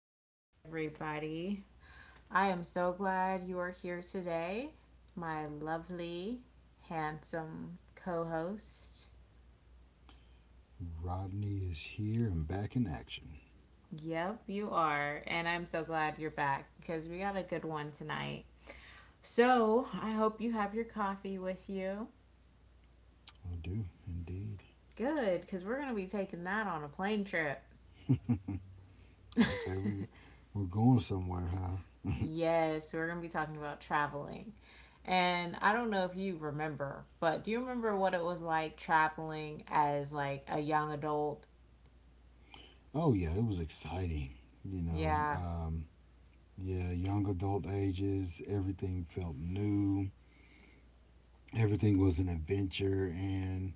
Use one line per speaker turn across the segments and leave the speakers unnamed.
back, everybody. I am so glad you are here today. My lovely, handsome co host.
Rodney is here and back in action.
Yep, you are. And I'm so glad you're back because we got a good one tonight. So I hope you have your coffee with you.
I do indeed.
Good, because we're going to be taking that on a plane trip.
Okay, we're going somewhere, huh?
Yes, so we're going to be talking about traveling. And I don't know if you remember, but do you remember what it was like traveling as like a young adult?
Oh yeah, it was exciting. You know,
Yeah.
um, yeah, young adult ages, everything felt new. Everything was an adventure, and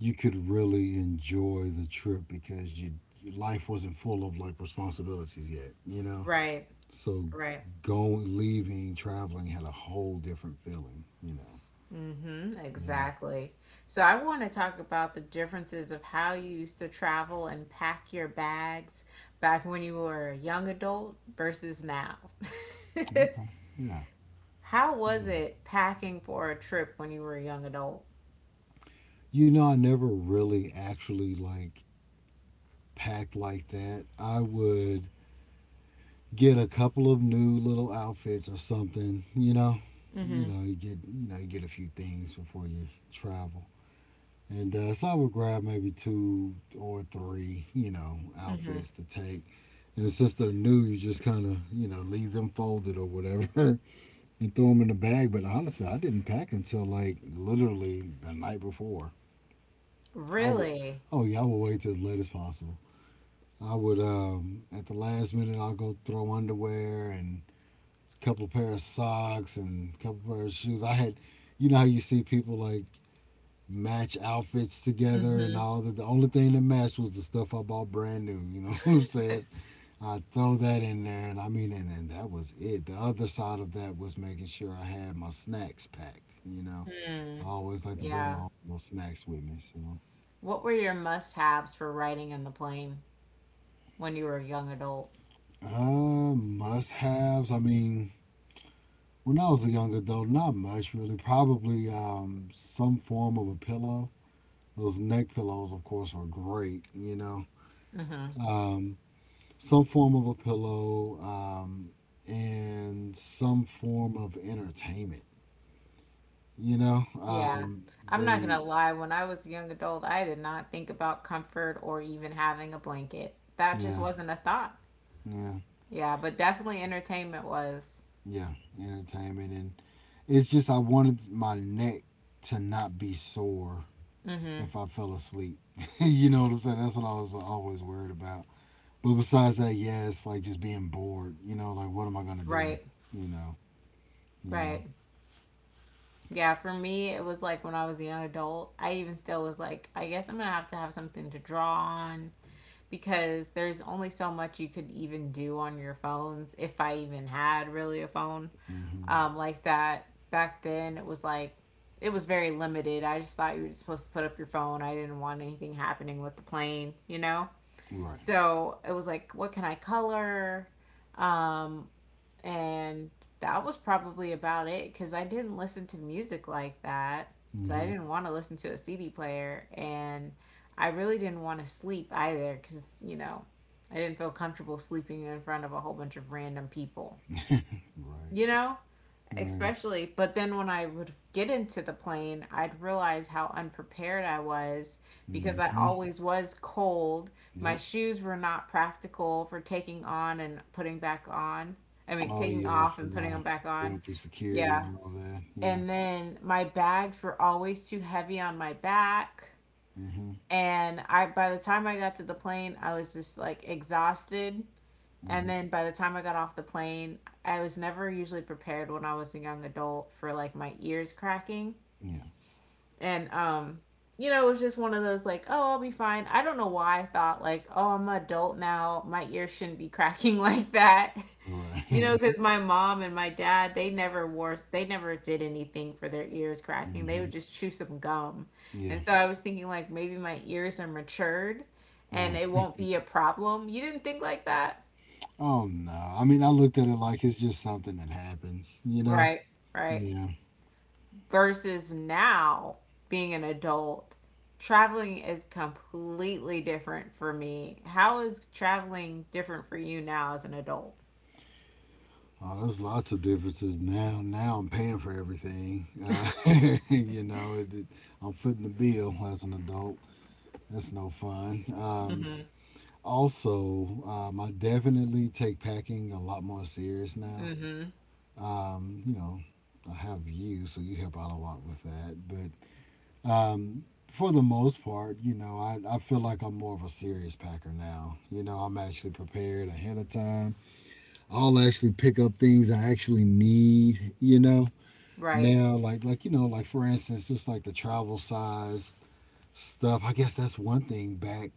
you could really enjoy the trip because your life wasn't full of like responsibilities yet.
Right,
So
right.
going, leaving, traveling had a whole different feeling.
Mm-hmm,
Yeah,
exactly. So I want to talk about the differences of how you used to travel and pack your bags back when you were a young adult versus now.
okay, yeah.
How was
Yeah.
it packing for a trip when you were a young adult?
You know, I never really actually like packed like that. I would get a couple of new little outfits or something, you know. You
Mm-hmm.
know, you get you get a few things before you travel. And so I would grab maybe two or three, you know,
Mm-hmm.
outfits to take. And since they're new, you just kind of, you know, leave them folded or whatever and throw them in the bag. But honestly, I didn't pack until like literally the night before. I would.
Really?
Oh yeah, I would wait till as late as possible. I would at the last minute I'll go throw underwear and a couple pair of socks and a couple pair of shoes. I had, you know how you see people like match outfits together and all that. The only thing that matched was the stuff I bought brand new. You know what I'm saying? I throw that in there, and I mean, and that was it. The other side of that was making sure I had my snacks packed. You know,
Hmm.
I always like to bring my
Yeah.
own little snacks with me. So
What were your must-haves for riding in the plane when you were a young adult?
Must haves. I mean, when I was a young adult, not much really. Probably some form of a pillow. Those neck pillows, of course, are great, you know.
Hmm.
Um, some form of a pillow and some form of entertainment, you know.
Yeah. I'm not
They,
gonna lie, when I was a young adult, I did not think about comfort or even having a blanket. That just
yeah,
wasn't a thought.
yeah,
Yeah, but definitely entertainment was.
yeah, entertainment. And it's just, I wanted my neck to not be sore
Hmm.
if I fell asleep. You know what I'm saying? That's what I was always worried about. But besides that, yeah, it's like just being bored. You know, like what am I gonna do?
Right.
You know? Yeah.
Right. Yeah, for me, it was like when I was a young adult, I even still was like, I guess I'm gonna have to have something to draw on, because there's only so much you could even do on your phones if I even had really a phone
Hmm.
like that. Back then, it was like it was very limited. I just thought you were supposed to put up your phone. I didn't want anything happening with the plane, you know?
Right.
So it was like, what can I color? Um, and that was probably about it because I didn't listen to music like that. So I
Hmm.
didn't want to listen to a CD player, and I really didn't want to sleep either because, you know, I didn't feel comfortable sleeping in front of a whole bunch of random people,
Right.
you know?
Right.
Especially. But then when I would get into the plane, I'd realize how unprepared I was, because I
Hmm.
always was cold, my
Yep.
shoes were not practical for taking on and putting back on. I mean,
Oh
taking
yeah,
off and
from
putting them back on.
going through security
Yeah.
and all that. Yeah.
And then my bags were always too heavy on my back,
Hmm.
and I by the time I got to the plane, I was just like exhausted. And
Hmm.
then by the time I got off the plane, I was never usually prepared when I was a young adult for like my ears cracking.
Yeah.
And it was just one of those like, oh, I'll be fine. I don't know why I thought like, oh, I'm an adult now. My ears shouldn't be cracking like that. You
Right.
know, because my mom and my dad, they never did anything for their ears cracking. They would
Hmm.
just chew some gum.
Yeah.
And so I was thinking, like, maybe my ears are matured
Uh,
and it won't be a problem. You didn't think like that?
oh no. I mean, I looked at it like it's just something that happens. You know?
Right, right.
Yeah.
Versus now being an adult, traveling is completely different for me. How is traveling different for you now as an adult?
Oh, there's lots of differences now. Now I'm paying for everything. You know, I'm footing the bill as an adult. That's no fun.
Mm-hmm.
Also, I definitely take packing a lot more serious now.
Mm-hmm.
You know, I have you, so you help out a lot with that. But um, for the most part, you know, I feel like I'm more of a serious packer now. You know, I'm actually prepared ahead of time. I'll actually pick up things I actually need, you know.
Right.
Now like you know, like for instance, just like the travel size stuff, I guess that's one thing. Back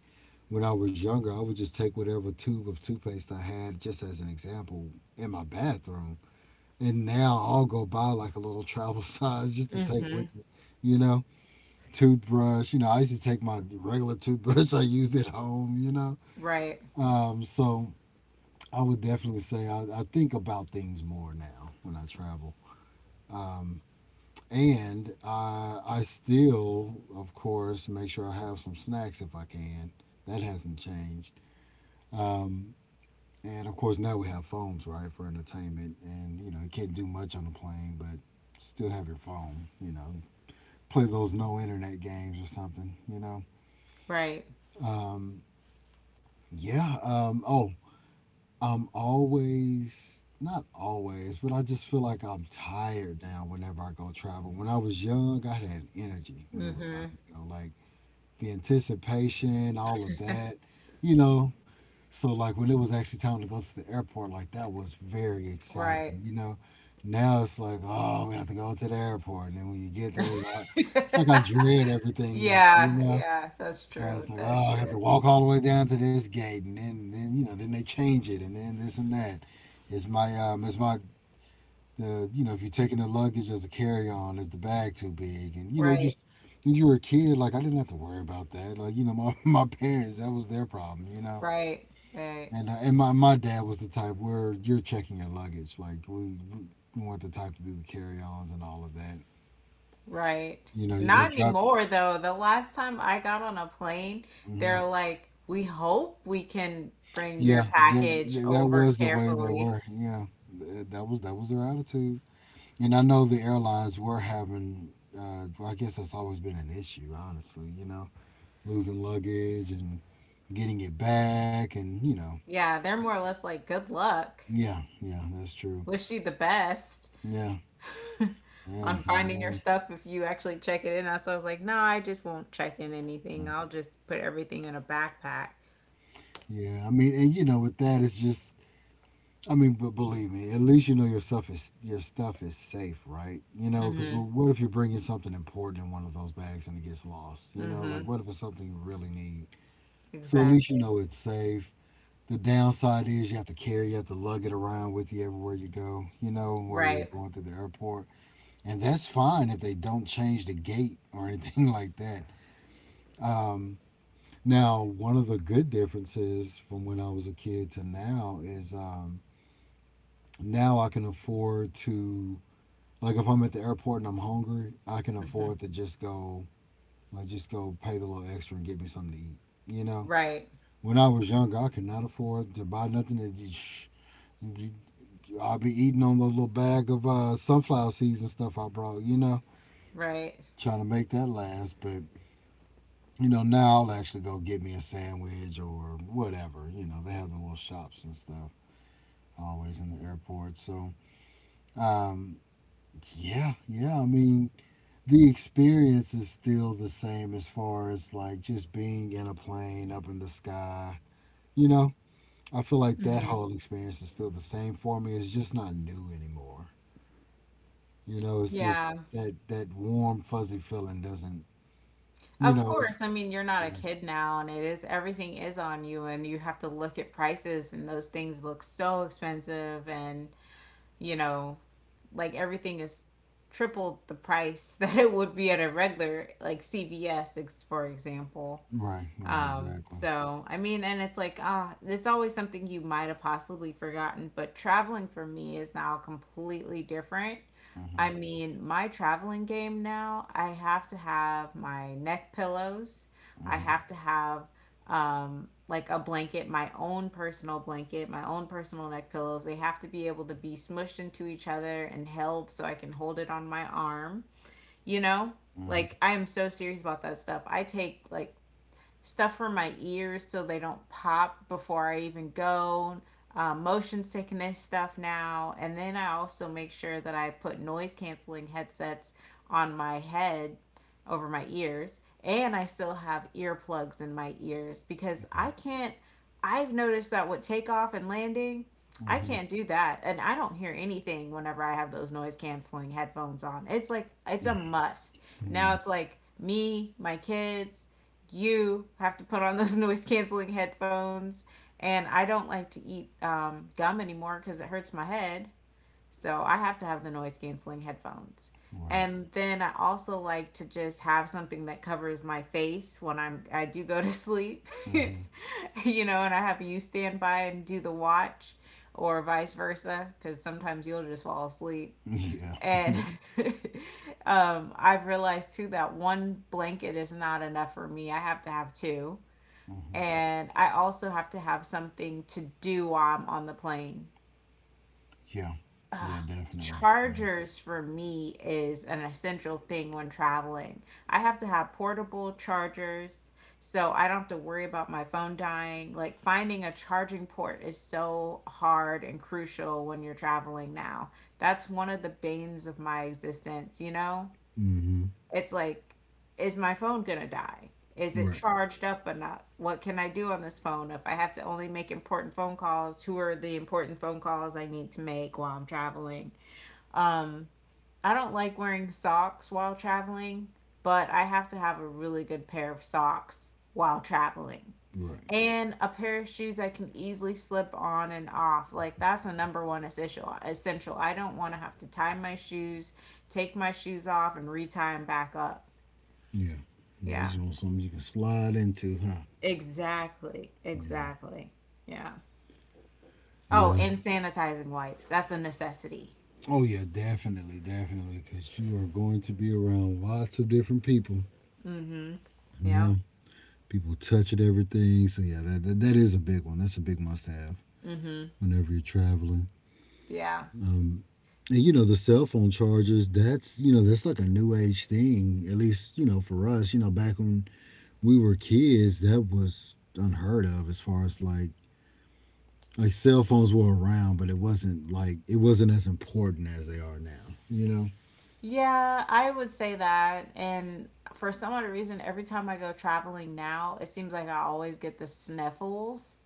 when I was younger, I would just take whatever tube of toothpaste I had, just as an example, in my bathroom, and now I'll go buy like a little travel size just to take
Mm-hmm.
with me, you know. Toothbrush, you know, I used to take my regular toothbrush I used at home, you know.
Right,
So I would definitely say I think about things more now when I travel. Um, and I still, of course, make sure I have some snacks if I can. That hasn't changed. Um, and of course, now we have phones, right, for entertainment. And you know, you can't do much on the plane, but still have your phone. You know, play those no internet games or something. You know.
right,
Um, yeah. Oh, I'm always. Not always, but I just feel like I'm tired now whenever I go travel. When I was young, I had energy when it was
mm-hmm,
time to go. Like, the anticipation, all of that, you know. So like when it was actually time to go to the airport, like that was very exciting,
right.
you know. Now it's like, oh, we have to go to the airport, and then when you get there, it's like I dread everything now, you
Yeah,
know.
yeah, that's true.
It's like, oh,
That's
I have
true.
to walk all the way down to this gate, and then you know, then they change it, and then this and that. Is my the you know, if you're taking the luggage as a carry-on, is the bag too big? And you know,
Right,
just when you were a kid, like I didn't have to worry about that, like, you know, my, my parents, that was their problem, you know.
right, right.
And and my dad was the type where you're checking your luggage, like we weren't the type to do the carry-ons and all of that,
Right.
you know. You go
Not
drop.
anymore, though. The last time I got on a plane,
Hmm.
they're like, we hope we can bring
Yeah,
your package
that
over
was the way they
carefully.
were, yeah. That was their attitude. And I know the airlines were having well, I guess that's always been an issue, honestly, you know. Losing luggage and getting it back, and you know,
Yeah, they're more or less like, good luck.
yeah, yeah, that's true.
Wish you the best
Yeah, yeah,
on
I
finding your
know.
stuff if you actually check it in. That's why I was like, no, I just won't check in anything. I'll just put everything in a backpack.
Yeah, I mean, and you know, with that, it's just, I mean, but believe me, at least you know your stuff is safe, right? You know, because
Mm-hmm.
what if you're bringing something important in one of those bags and it gets lost? You know, like
Mm-hmm.
what if it's something you really need? So at least you
Exactly.
know it's safe. The downside is you have to carry, you have to lug it around with you everywhere you go. You know, while you're
Right.
going through the airport. And that's fine if they don't change the gate or anything like that. Um, Now, one of the good differences from when I was a kid to now is now I can afford to, like, if I'm at the airport and I'm hungry, I can
Mm-hmm.
afford to just go, like, just go pay the little extra and get me something to eat. You know,
Right.
when I was younger, I could not afford to buy nothing that you. I'll be eating on the little bag of sunflower seeds and stuff I brought, you know,
Right.
trying to make that last. But you know, now I'll actually go get me a sandwich or whatever. You know, they have the little shops and stuff always in the airport. So, um, yeah, yeah. I mean, the experience is still the same as far as like just being in a plane up in the sky. You know, I feel like that
Mm-hmm.
whole experience is still the same for me. It's just not new anymore. You know, it's just
Yeah.
that that warm fuzzy feeling doesn't. You
Of
know, it,
course, I mean, you're not a kid now, and it is everything is on you, and you have to look at prices, and those things look so expensive, and you know, like everything is triple the price that it would be at a regular, like CVS, for example.
right, right, exactly.
So I mean, and it's like, it's always something you might have possibly forgotten, but traveling for me is now completely different. I
Hmm.
mean, my traveling game now, I have to have my neck pillows. I
Hmm.
have to have like a blanket, my own personal blanket, my own personal neck pillows. They have to be able to be smushed into each other and held so I can hold it on my arm, you know?
Hmm.
Like I am so serious about that stuff. I take like stuff for my ears so they don't pop before I even go. Motion sickness stuff now, and then I also make sure that I put noise canceling headsets on my head over my ears, and I still have earplugs in my ears because I can't. I've noticed that with takeoff and landing, I
Mhm.
can't do that, and I don't hear anything whenever I have those noise canceling headphones on. It's like it's a must. Now
Yeah.
it's like me, my kids, you have to put on those noise canceling headphones. And I don't like to eat gum anymore because it hurts my head. So I have to have the noise canceling headphones.
Right.
And then I also like to just have something that covers my face when I do go to sleep.
Mhm.
And I have you stand by and do the watch or vice versa cuz sometimes you'll just fall asleep.
Yeah.
And I've realized too that one blanket is not enough for me. I have to have two.
Mhm.
And I also have to have something to do while I'm on the plane.
Yeah.
Ugh.
Yeah. Definitely. Yeah.
Chargers for me is an essential thing when traveling. I have to have portable chargers so I don't have to worry about my phone dying. Like finding a charging port is so hard and crucial when you're traveling now. That's one of the banes of my existence, you know?
Mhm.
It's like, is my phone gonna die? Is it
Right.
charged up enough? What can I do on this phone if I have to only make important phone calls? Who are the important phone calls I need to make while I'm traveling? Um, I don't like wearing socks while traveling, but I have to have a really good pair of socks while traveling.
Right.
And a pair of shoes I can easily slip on and off. Like that's the number one essential. I don't want to have to tie my shoes, take my shoes off and re tie them back up.
Yeah. Yeah. You
Yeah.
just want something you can slide into, huh?
Exactly.
Yeah.
Exactly. Yeah. Oh,
Yeah.
and sanitizing wipes. That's a necessity.
Oh yeah. Definitely. Definitely. Because you are going to be around lots of different people.
Mm-hmm. Yeah.
Yeah. People touch at everything. So yeah, that is a big one. That's a big must-have
Mm-hmm.
whenever you're traveling.
Yeah.
Um, and you know, the cell phone chargers. That's, you know, that's like a new age thing. At least, you know, for us. You know, back when we were kids, that was unheard of, as far as like cell phones were around, but it wasn't like it wasn't as important as they are now. You know.
Yeah, I would say that. And for some odd reason, every time I go traveling now, it seems like I always get the sniffles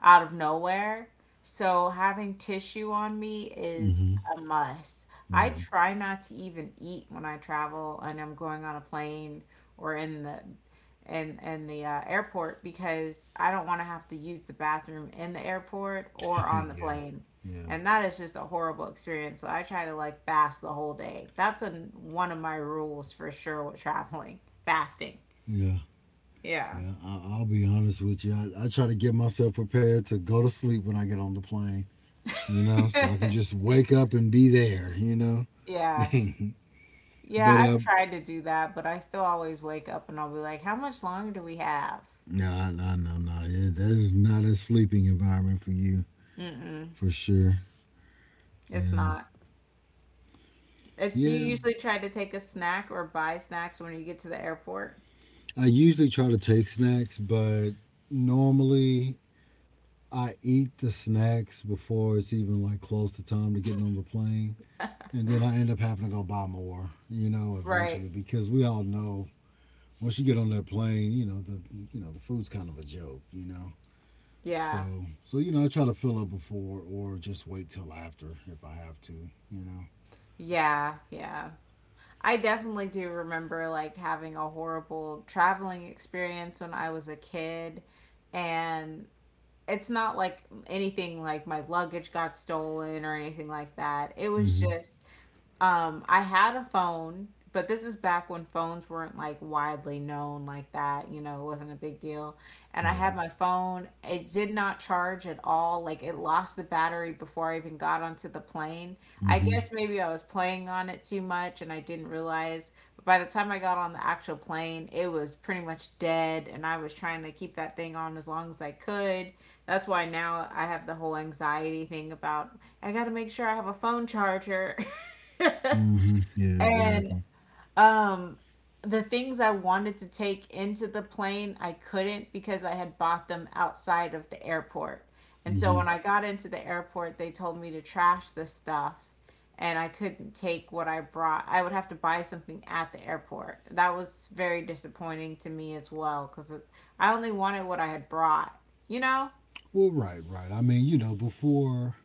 out of nowhere. So having tissue on me is
Hmm.
a must. I
Yeah.
try not to even eat when I travel and I'm going on a plane or in the airport, because I don't want to have to use the bathroom in the airport or on the
Yeah.
plane,
Yeah.
and that is just a horrible experience. So I try to like fast the whole day. That's one of my rules for sure with traveling. Fasting.
Yeah.
Yeah.
Yeah. I'll be honest with you. I try to get myself prepared to go to sleep when I get on the plane. You know, so I can just wake up and be there. You know.
Yeah. Yeah.
but
I've tried to do that, but I still always wake up and I'll be like, how much longer do we have?
No, I know, no, yeah, that is not a sleeping environment for you,
Mm-mm.
for sure.
It's
Yeah,
not. Do
yeah.
you usually try to take a snack or buy snacks when you get to the airport?
I usually try to take snacks, but normally I eat the snacks before it's even like close to time to getting on the plane, and then I end up having to go buy more, you know,
Right.
eventually, because we all know once you get on that plane, you know, the food's kind of a joke, you know.
Yeah.
So you know, I try to fill up before or just wait till after if I have to, you know.
Yeah. Yeah. I definitely do remember like having a horrible traveling experience when I was a kid, and it's not like anything like my luggage got stolen or anything like that. It was
Mm-hmm.
just I had a phone, but this is back when phones weren't like widely known like that, it wasn't a big deal. And I had
Right.
my phone, it did not charge at all. Like it lost the battery before I even got onto the plane. I
Mm-hmm.
guess maybe I was playing on it too much and I didn't realize. But by the time I got on the actual plane, it was pretty much dead and I was trying to keep that thing on as long as I could. That's why now I have the whole anxiety thing about I got to make sure I have a phone charger.
Mm-hmm. Yeah,
And
exactly.
um the things I wanted to take into the plane, I couldn't because I had bought them outside of the airport. And
Mm-hmm.
so when I got into the airport, they told me to trash the stuff and I couldn't take what I brought. I would have to buy something at the airport. That was very disappointing to me as well cuz I only wanted what I had brought, you know?
Well, right, right. I mean, you know, before,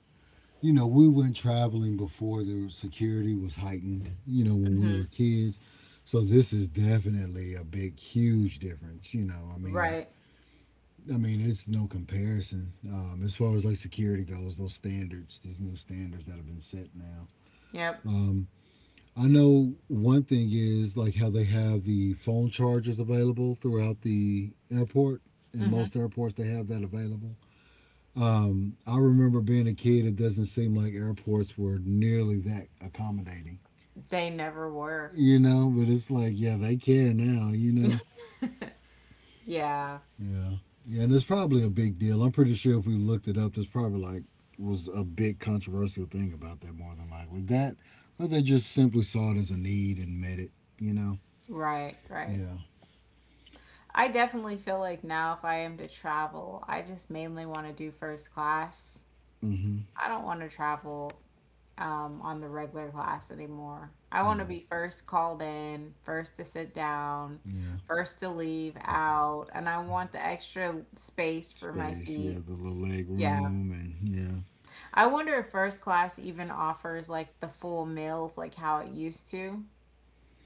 you know, we went traveling before the security was heightened, you know, when we
Hmm.
were kids. So this is definitely a big, huge difference. You know,
Right.
I mean, it's no comparison as far as like security goes. Those standards, these new standards that have been set now.
Yep.
Um, I know one thing is like how they have the phone chargers available throughout the airport. In
Mhm.
most airports, they have that available. I remember being a kid, it doesn't seem like airports were nearly that accommodating,
They never were.
you know, but it's like, yeah, they care now, you know?
Yeah.
Yeah. Yeah, and it's probably a big deal. I'm pretty sure if we looked it up, there's probably like was a big controversial thing about that more than likely. That, or they just simply saw it as a need and met it, you know?
Right, right.
Yeah.
I definitely feel like now if I am to travel, I just mainly want to do first class.
Mm hmm.
I don't want to travel on the regular class anymore. I want to
Yeah,
be first called in, first to sit down,
yeah.
first to leave out, and I want the extra space for my
Space, yeah,
feet.
the little leg
Yeah.
room, and yeah.
I wonder if first class even offers like the full meals like how it used to,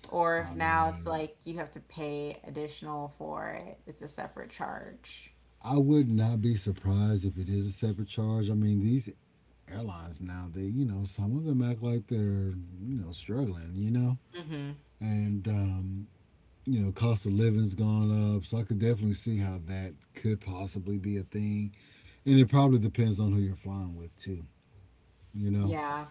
or
I
if now it's
mean,
like you have to pay additional for it. It's a separate charge.
I would not be surprised if it is a separate charge. I mean, these airlines now, they, you know, some of them act like they're, you know, struggling, you know,
Hmm.
and you know, cost of living's gone up, so I could definitely see how that could possibly be a thing. And it probably depends on who you're flying with too, you know.
Yeah.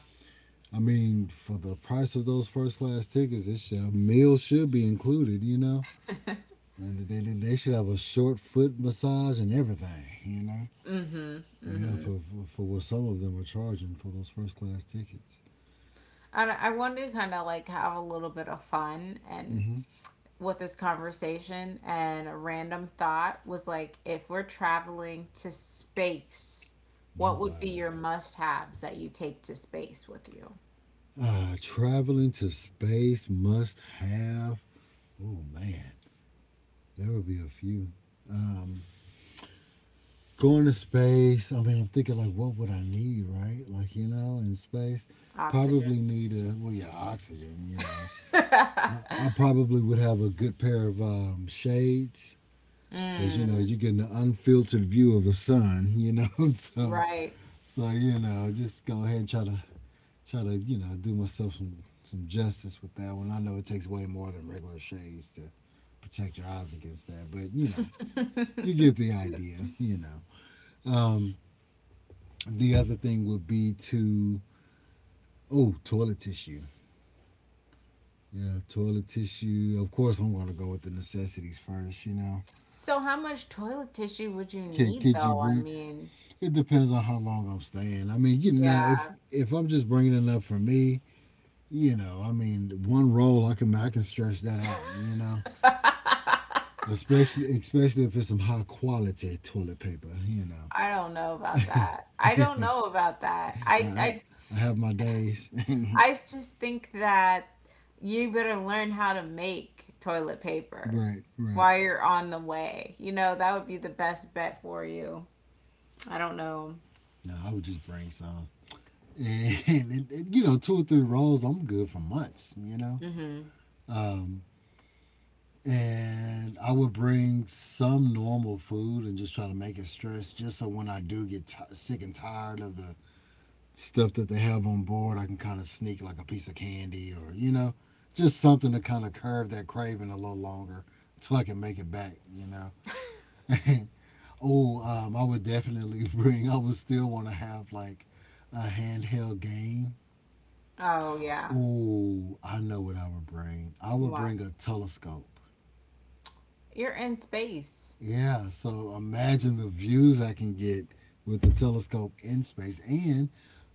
I mean, for the price of those first class tickets, it should, meal should be included, you know. They should have a short foot massage and everything, you know?
Mm-hmm.
Yeah, for what some of them are charging for those first class tickets.
And I wanted to kind of like have a little bit of fun and
Mm-hmm.
with this conversation, and a random thought was like if we're traveling to space,
Oh,
what would be
wow.
your must-haves that you take to space with you?
Traveling to space must have. Oh, man. There would be a few. Um, Going to space, I mean, I'm thinking, like, what would I need, right? Like, you know, in space,
Oxygen.
probably need a, well, yeah, oxygen, you know. I probably would have a good pair of shades because you know
Mm,
you get an unfiltered view of the sun. You know, so
right.
so you know, just go ahead and try to you know do myself some justice with that one. I know it takes way more than regular shades to protect your eyes against that, but you know, you get the idea. You know, um, the other thing would be to oh toilet tissue. Yeah, toilet tissue. Of course, I'm gonna go with the necessities first. You know,
So how much toilet tissue would you
could
need
could you
though? I
bring
mean,
it depends on how long I'm staying. I mean, you know, if
yeah.
if I'm just bringing enough for me, you know, I mean, one roll I can stretch that out, you know,
I
especially if it's some high quality toilet paper, you know.
don't know about
I,
that. I don't know about that. I
I
I
have my days.
I just think that you better learn how to make toilet paper
Right, right.
while you're on the way. You know, that would be the best bet for you. I don't know.
No, I would just bring some, and you know, two or three rolls, I'm good for months, you know.
Hmm.
Um, and I would bring some normal food and just try to make it stress, just so when I do get ti sick and tired of the stuff that they have on board, I can kind of sneak like a piece of candy or you know, just something to kind of curb that craving a little longer until I can make it back. You know. Oh, I would definitely bring. I would still want to have like a handheld game.
Oh, yeah.
Oh, I know what I would bring. I would
What?
bring a telescope.
You're in space.
Yeah, so imagine the views I can get with the telescope in space. And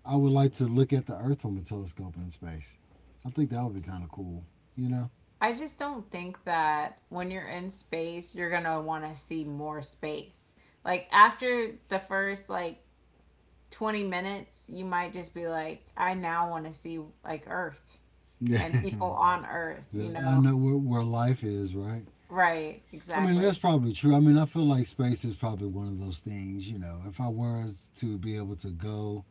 I would like to look at the Earth from a telescope in space. I think that would be kind of cool, you know?
I just don't think that when you're in space, you're going to want to see more space. Like, after the first, like, 20 minutes, you might just be like, I now want to see, like, Earth
Yeah.
and people on Earth, you
I
know?
know where life is, right?
Right,
I mean,
exactly.
that's probably true. I mean, I feel like space is probably one of those things, you know, if I was to be able to go,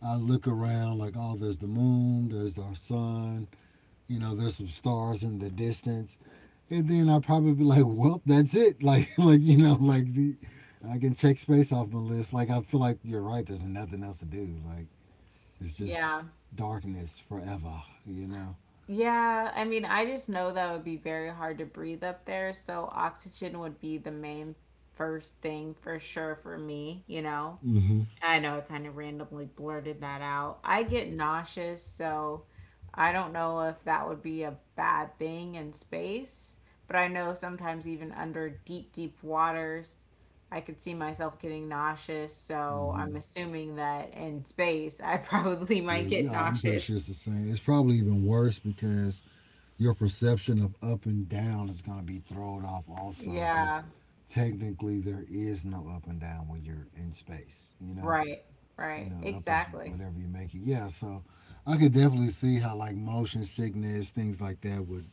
I look around like, oh, there's the moon, there's our sun, you know, there's some stars in the distance, and then I'll probably be like, "Well, that's it." Like you know, like the, I can check space off my list. Like, I feel like you're right. There's nothing else to do. Like, it's just
Yeah.
darkness forever. You know.
Yeah, I mean, I just know that would be very hard to breathe up there, so oxygen would be the main first thing for sure for me, you know?
Mm-hmm.
I know I kind of randomly blurted that out. I get nauseous, so I don't know if that would be a bad thing in space, but I know sometimes even under deep, deep waters, I could see myself getting nauseous, so I'm
Hmm.
assuming that in space, I probably might
Yeah,
get
yeah, I'm pretty sure
nauseous.
it's the same. It's probably even worse because your perception of up and down is going to be thrown off also because
Yeah,
technically there is no up and down when you're in space, you know?
right,
You
right,
know, up is
exactly.
whatever you make it. Yeah, so I could definitely see how like motion sickness, things like that would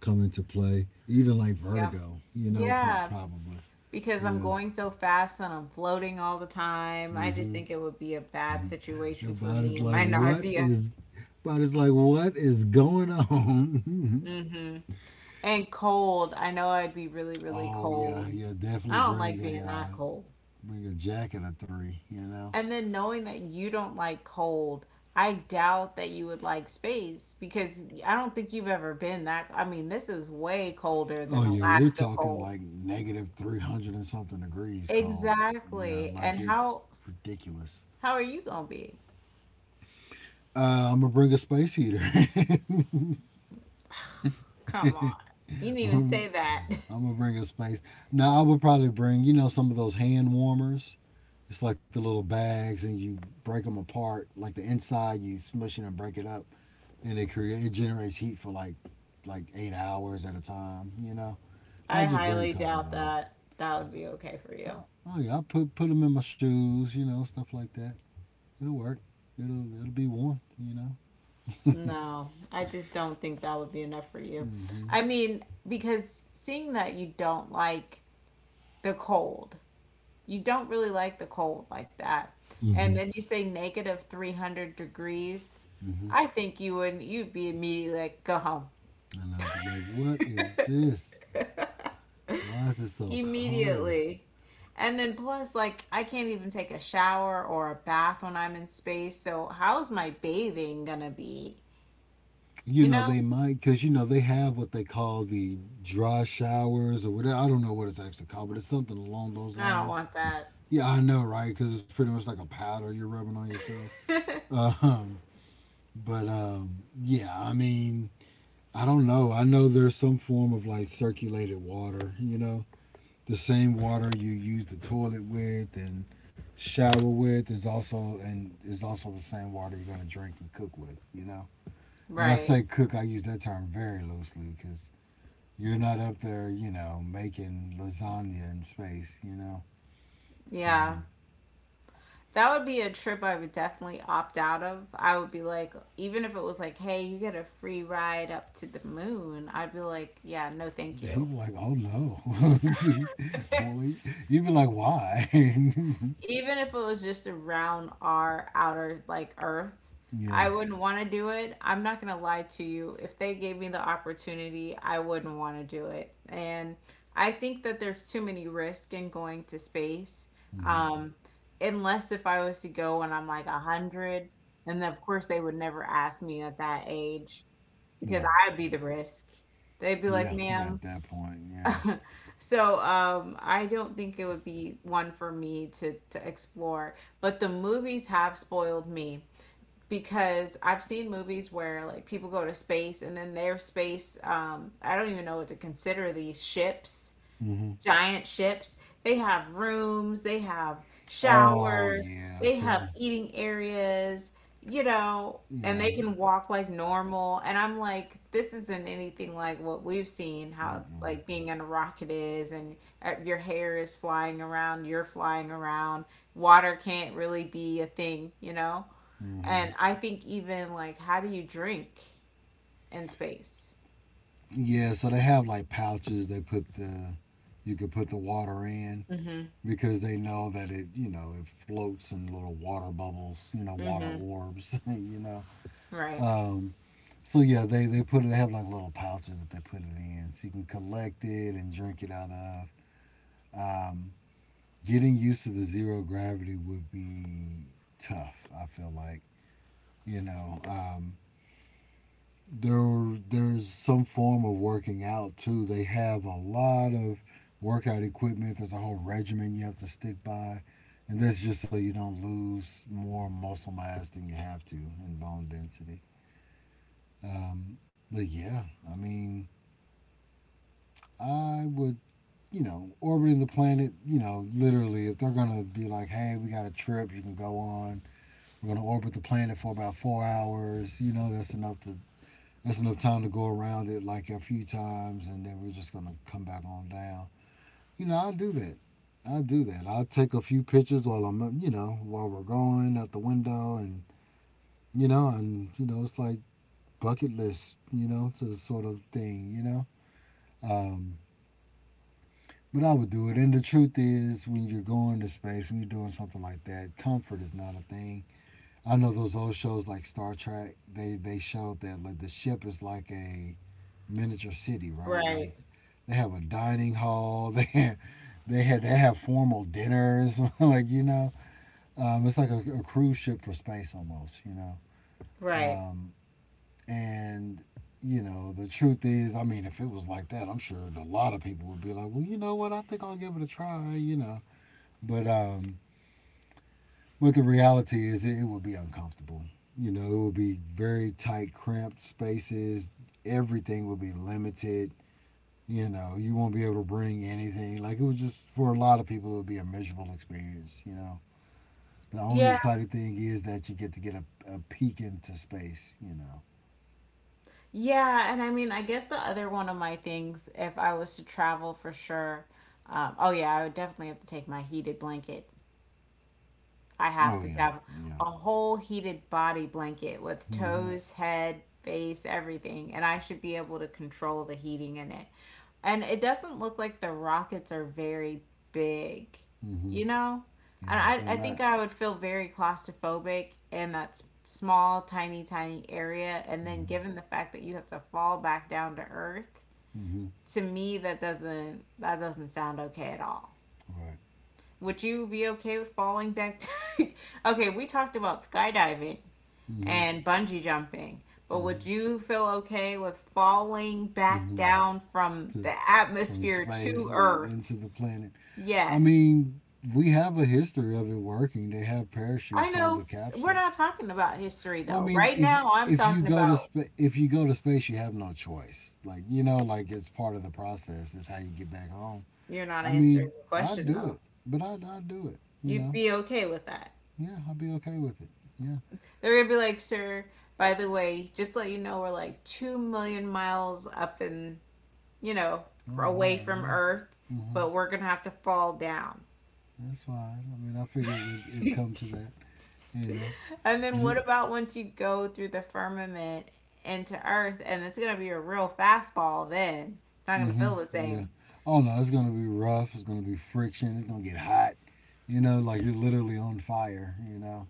come into play. Even like
Yep.
vertigo, you know,
Yeah,
probably.
because I'm
Yeah.
going so fast and I'm floating all the time. I just
Mm-hmm.
think it would be a bad
Your
situation for me
body's
and
like,
my
what
nausea.
is? Body's like, what is going on?
Hmm. And cold. I know I'd be really, really
Oh yeah,
cold.
yeah.
I
Definitely
don't
bring
like being
a
that cold.
bring a jacket of three. You know.
And then knowing that you don't like cold, I doubt that you would like space because I don't think you've ever been that. I mean, this is way colder
Oh
than
yeah, we're
Alaska
talking
cold.
like negative -300 and something degrees cold. Yeah,
Exactly. And
like it's ridiculous.
how are you gonna be?
I'm gonna bring a space heater.
Come on. You didn't even say
I'm,
that.
I'm gonna bring a space. Now I would probably bring, you know, some of those hand warmers. It's like the little bags, and you break them apart. Like the inside, you smush it and break it up, and it create it generates heat for like 8 hours at a time. You know,
I
I just bring a
highly
couple of
doubt
those.
that that would be okay for you.
Oh, oh yeah, I put them in my shoes. You know, stuff like that. It'll work. It'll be warm. You know.
No, I just don't think that would be enough for you.
Mhm.
I mean, because seeing that you don't like the cold, you don't really like the cold like that. And
Mm-hmm.
then you say negative 300 degrees,
Mhm.
I think you'd be immediately like go home.
I know, but like, what is this? Why is it so cold?
Immediately. And then plus like I can't even take a shower or a bath when I'm in space. So how's my bathing gonna be?
You
You
know,
know?
they might, because, you know, they have what they call the dry showers or whatever. I don't know what it's actually called, but it's something along those
I don't
lines.
want that.
Yeah, I know, right? Because it's pretty much like a powder you're rubbing on yourself. Um, but yeah, I mean, I don't know. I know there's some form of like circulated water, you know, the same water you use the toilet with and shower with is also and is also the same water you're going to drink and cook with, you know. And I
Right.
say cook, I use that term very loosely because you're not up there, you know, making lasagna in space, you know. So
Yeah. That would be a trip I would definitely opt out of. I would be like, even if it was like, hey, you get a free ride up to the moon, I'd be like, yeah, no, thank
he
you.
was like, oh no. Well, you'd be like, why?
Even if it was just around our outer like Earth,
Yeah.
I wouldn't want to do it. I'm not going to lie to you, if they gave me the opportunity I wouldn't want to do it. And I think that there's too many risks in going to space,
Mm-hmm.
um, unless if I was to go and I'm like a 100, and then of course they would never ask me at that age because
Right.
I'd be the risk. They'd be like,
Yeah. Yeah.
ma'am.
At that point, yeah.
So I don't think it would be one for me to explore. But the movies have spoiled me because I've seen movies where like people go to space and then their space I don't even know what to consider these ships,
Mm-hmm.
giant ships. They have rooms, they have
Oh
showers,
yeah.
they have
So
eating areas, you know, and
yeah.
they can walk like normal. And I'm like, this isn't anything like what we've seen, how
Mm-mm.
like being in a rocket is, and your hair is flying around, you're flying around, water can't really be a thing, you know?
Mm-hmm.
And I think even like, how do you drink in space?
Yeah. So they have like pouches. They put the you could put the water in,
Mm-hmm.
because they know that it you know it floats in little water bubbles you know water
Mm-hmm.
orbs you know
Right.
um, so yeah they put it they have like little pouches that they put it in so you can collect it and drink it out of. um, Getting used to the zero gravity would be tough I feel like you know there's some form of working out too. They have a lot of workout equipment. There's a whole regimen you have to stick by, and that's just so you don't lose more muscle mass than you have to and bone density. Um, but yeah, I mean, I would you know orbiting the planet. You know, literally, if they're gonna be like, hey, we got a trip you can go on. We're gonna orbit the planet for about 4 hours. You know, that's enough to that's enough time to go around it like a few times, and then we're just gonna come back on down. You know, I'll do that. I'll do that. I'll take a few pictures while I'm, you know, while we're going out the window, and you know, it's like bucket list, you know, to sort of thing, you know. Um, but I would do it. And the truth is, when you're going to space, when you're doing something like that, comfort is not a thing. I know those old shows like Star Trek. They showed that like the ship is like a miniature city, right? Like
Right.
they have a dining hall. They had they have formal dinners. Like you know, it's like a cruise ship for space almost. You know,
Right.
um, and you know the truth is, I mean, if it was like that, I'm sure a lot of people would be like, well, you know what? I think I'll give it a try. You know, but um, but the reality is, it would be uncomfortable. You know, it would be very tight, cramped spaces. Everything would be limited. You know, you won't be able to bring anything. Like it was just for a lot of people, it would be a miserable experience. You know, the only
Yeah.
exciting thing is that you get to get a peek into space. You know.
Yeah, and I mean, I guess the other one of my things, if I was to travel for sure, oh yeah, I would definitely have to take my heated blanket. I have
Oh
to
yeah,
have
yeah.
a whole heated body blanket with
Mm-hmm.
toes, head, face, everything, and I should be able to control the heating in it. And it doesn't look like the rockets are very big,
Mm-hmm.
you know? And
Yeah,
I,
they're
I think
not.
I would feel very claustrophobic in that small, tiny, tiny area. And then
Mm-hmm.
given the fact that you have to fall back down to Earth,
Mm-hmm.
to me that doesn't sound okay at all.
Right.
Would you be okay with falling back to— okay, we talked about skydiving
Mm-hmm.
and bungee jumping. But
Mm-hmm.
would you feel okay with falling back
Mm-hmm.
down from
To,
the
from
atmosphere
space
to
into
Earth?
the planet. I
Yes.
mean, we have a history of it working. They have
I
parachutes on the
know we're
capsule.
not talking about history
Well, I
though.
mean,
Right
if
now, I'm
if you
talking
go to
about—
if you go to space, you have no choice. Like you know, like it's part of the process. It's how you get back home.
you're not
I
answering
mean,
the
I'd
question
do
though.
it, but I'd do it. You
You'd
know,
be okay with that.
yeah, I'd be okay with it. Yeah.
They're gonna be like, sir, by the way, just let you know we're like 2 million miles up and, you know,
Oh
away
wow.
from
Yeah.
Earth,
Mhm.
but we're gonna have to fall down.
That's fine. I mean, I figured it'd come to that. You know,
And then
and
what
it.
about once you go through the firmament into Earth, and it's gonna be a real fastball then. It's not gonna feel
Mhm.
the
Yeah.
same.
Oh no, it's gonna be rough. It's gonna be friction. It's gonna get hot. You know, like you're literally on fire. You know.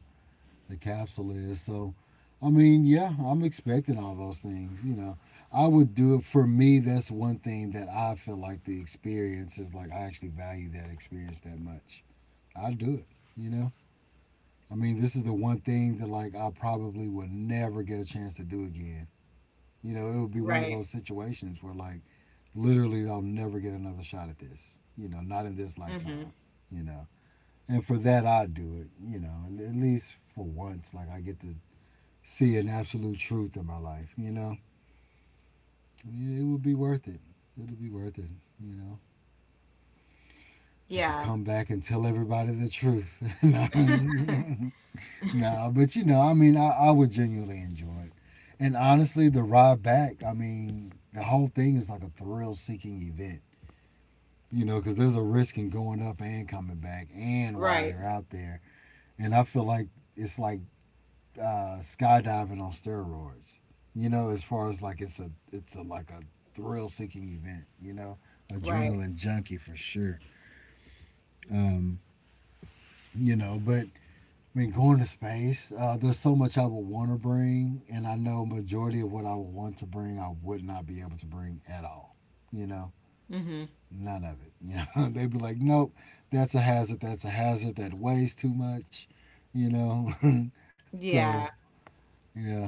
The capsule is. So, I mean, yeah, I'm expecting all those things. You know, I would do it for me. That's one thing that I feel like the experience is like. I actually value that experience that much. I would do it. You know, I mean, this is the one thing that like I probably would never get a chance to do again. You know, it would be one of
Right.
those situations where like literally I'll never get another shot at this. You know, not in this
Mm-hmm.
lifetime. You know, and for that I would do it. You know, at least for once, like I get to see an absolute truth in my life. You know, it will be worth it. It'll be worth it. You know, I could
Yeah.
come back and tell everybody the truth. No, no, but you know, I mean, I would genuinely enjoy it. And honestly, the ride back, I mean, the whole thing is like a thrill seeking event, you know, because there's a risk in going up and coming back and while
Right.
you're out there. And I feel like it's like skydiving on steroids. You know, as far as like it's a like a thrill seeking event. You know,
Right.
adrenaline junkie for sure. Um, you know, but I mean, going to space, there's so much I would want to bring, and I know majority of what I would want to bring, I would not be able to bring at all. You know,
Mm-hmm.
none of it. You know, they'd be like, nope, that's a hazard. That's a hazard. That weighs too much. You know,
Yeah.
so yeah.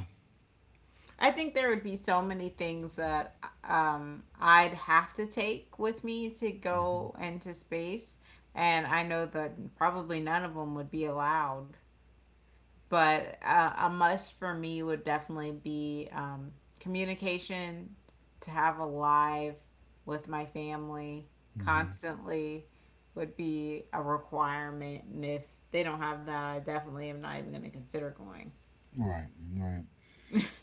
I think there would be so many things that I'd have to take with me to
Mm-hmm.
go into space, and I know that probably none of them would be allowed. But a must for me would definitely be communication, to have a live with my family
Mm-hmm.
constantly would be a requirement, and if they don't have that I definitely am not even going to consider going.
Right, right.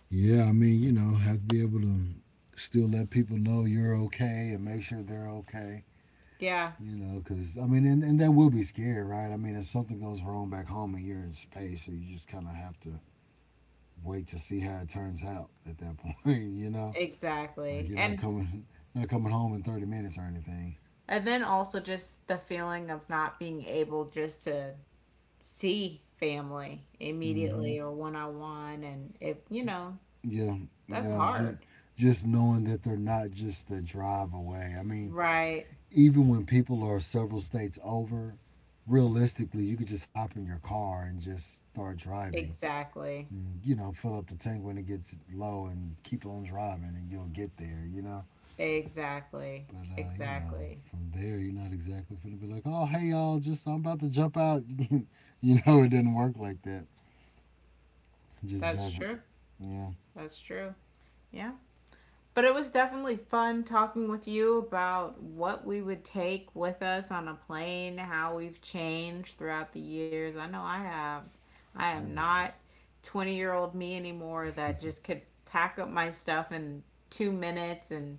Yeah, I mean, you know, have to be able to still let people know you're okay and make sure they're okay.
Yeah,
You know, because I mean, and that will be scary, right? I mean, if something goes wrong back home and you're in space, so you just kind of have to wait to see how it turns out at that point. You know, like
exactly.
you're not
and
coming, not coming home in 30 minutes or anything.
and then also just the feeling of not being able just to see family
Hmm.
immediately or one-on-one, and it, you know,
Yeah,
that's
yeah. Just
hard.
just knowing that they're not just a drive away. I mean,
Right.
even when people are several states over, realistically, you could just hop in your car and just start driving.
Exactly.
And, you know, fill up the tank when it gets low and keep on driving and you'll get there, you know?
Exactly.
But, you know,
Exactly.
from there, you're not exactly going to be like, oh, hey, y'all, just I'm about to jump out. You know, it didn't work like that. It just
That's
doesn't.
true.
Yeah.
That's true. Yeah. But it was definitely fun talking with you about what we would take with us on a plane, how we've changed throughout the years. I know I have. I am
Oh, yeah.
not 20-year-old me anymore that just could pack up my stuff in 2 minutes and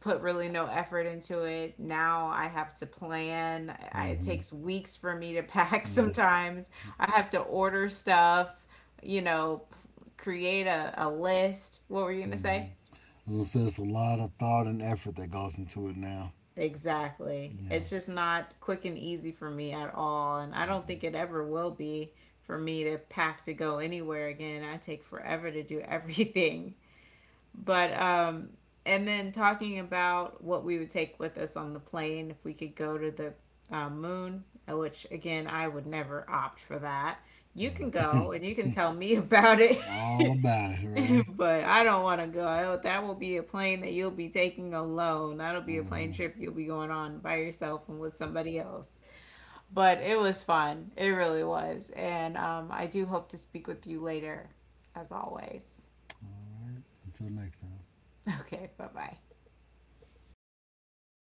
put really no effort into it. Now I have to plan. It
Hmm.
takes weeks for me to pack
Yeah.
sometimes. I have to order stuff, you know, create a list. What were you going to
Hmm.
say?
So I it's a lot of thought and effort that goes into it now.
Exactly. It's
Yeah.
just not quick and easy for me at all. And I don't
Mm-mm.
think it ever will be for me to pack to go anywhere again. I take forever to do everything. But and then talking about what we would take with us on the plane if we could go to the moon, which again I would never opt for that. You can
Right.
go and you can tell me about it,
All about it, right?
but I don't want to go. That will be a plane that you'll be taking alone. That'll be a
Mm-hmm.
plane trip you'll be going on by yourself and with somebody else. But it was fun. It really was. And I do hope to speak with you later, as always.
All right. Until next time.
Okay, bye bye.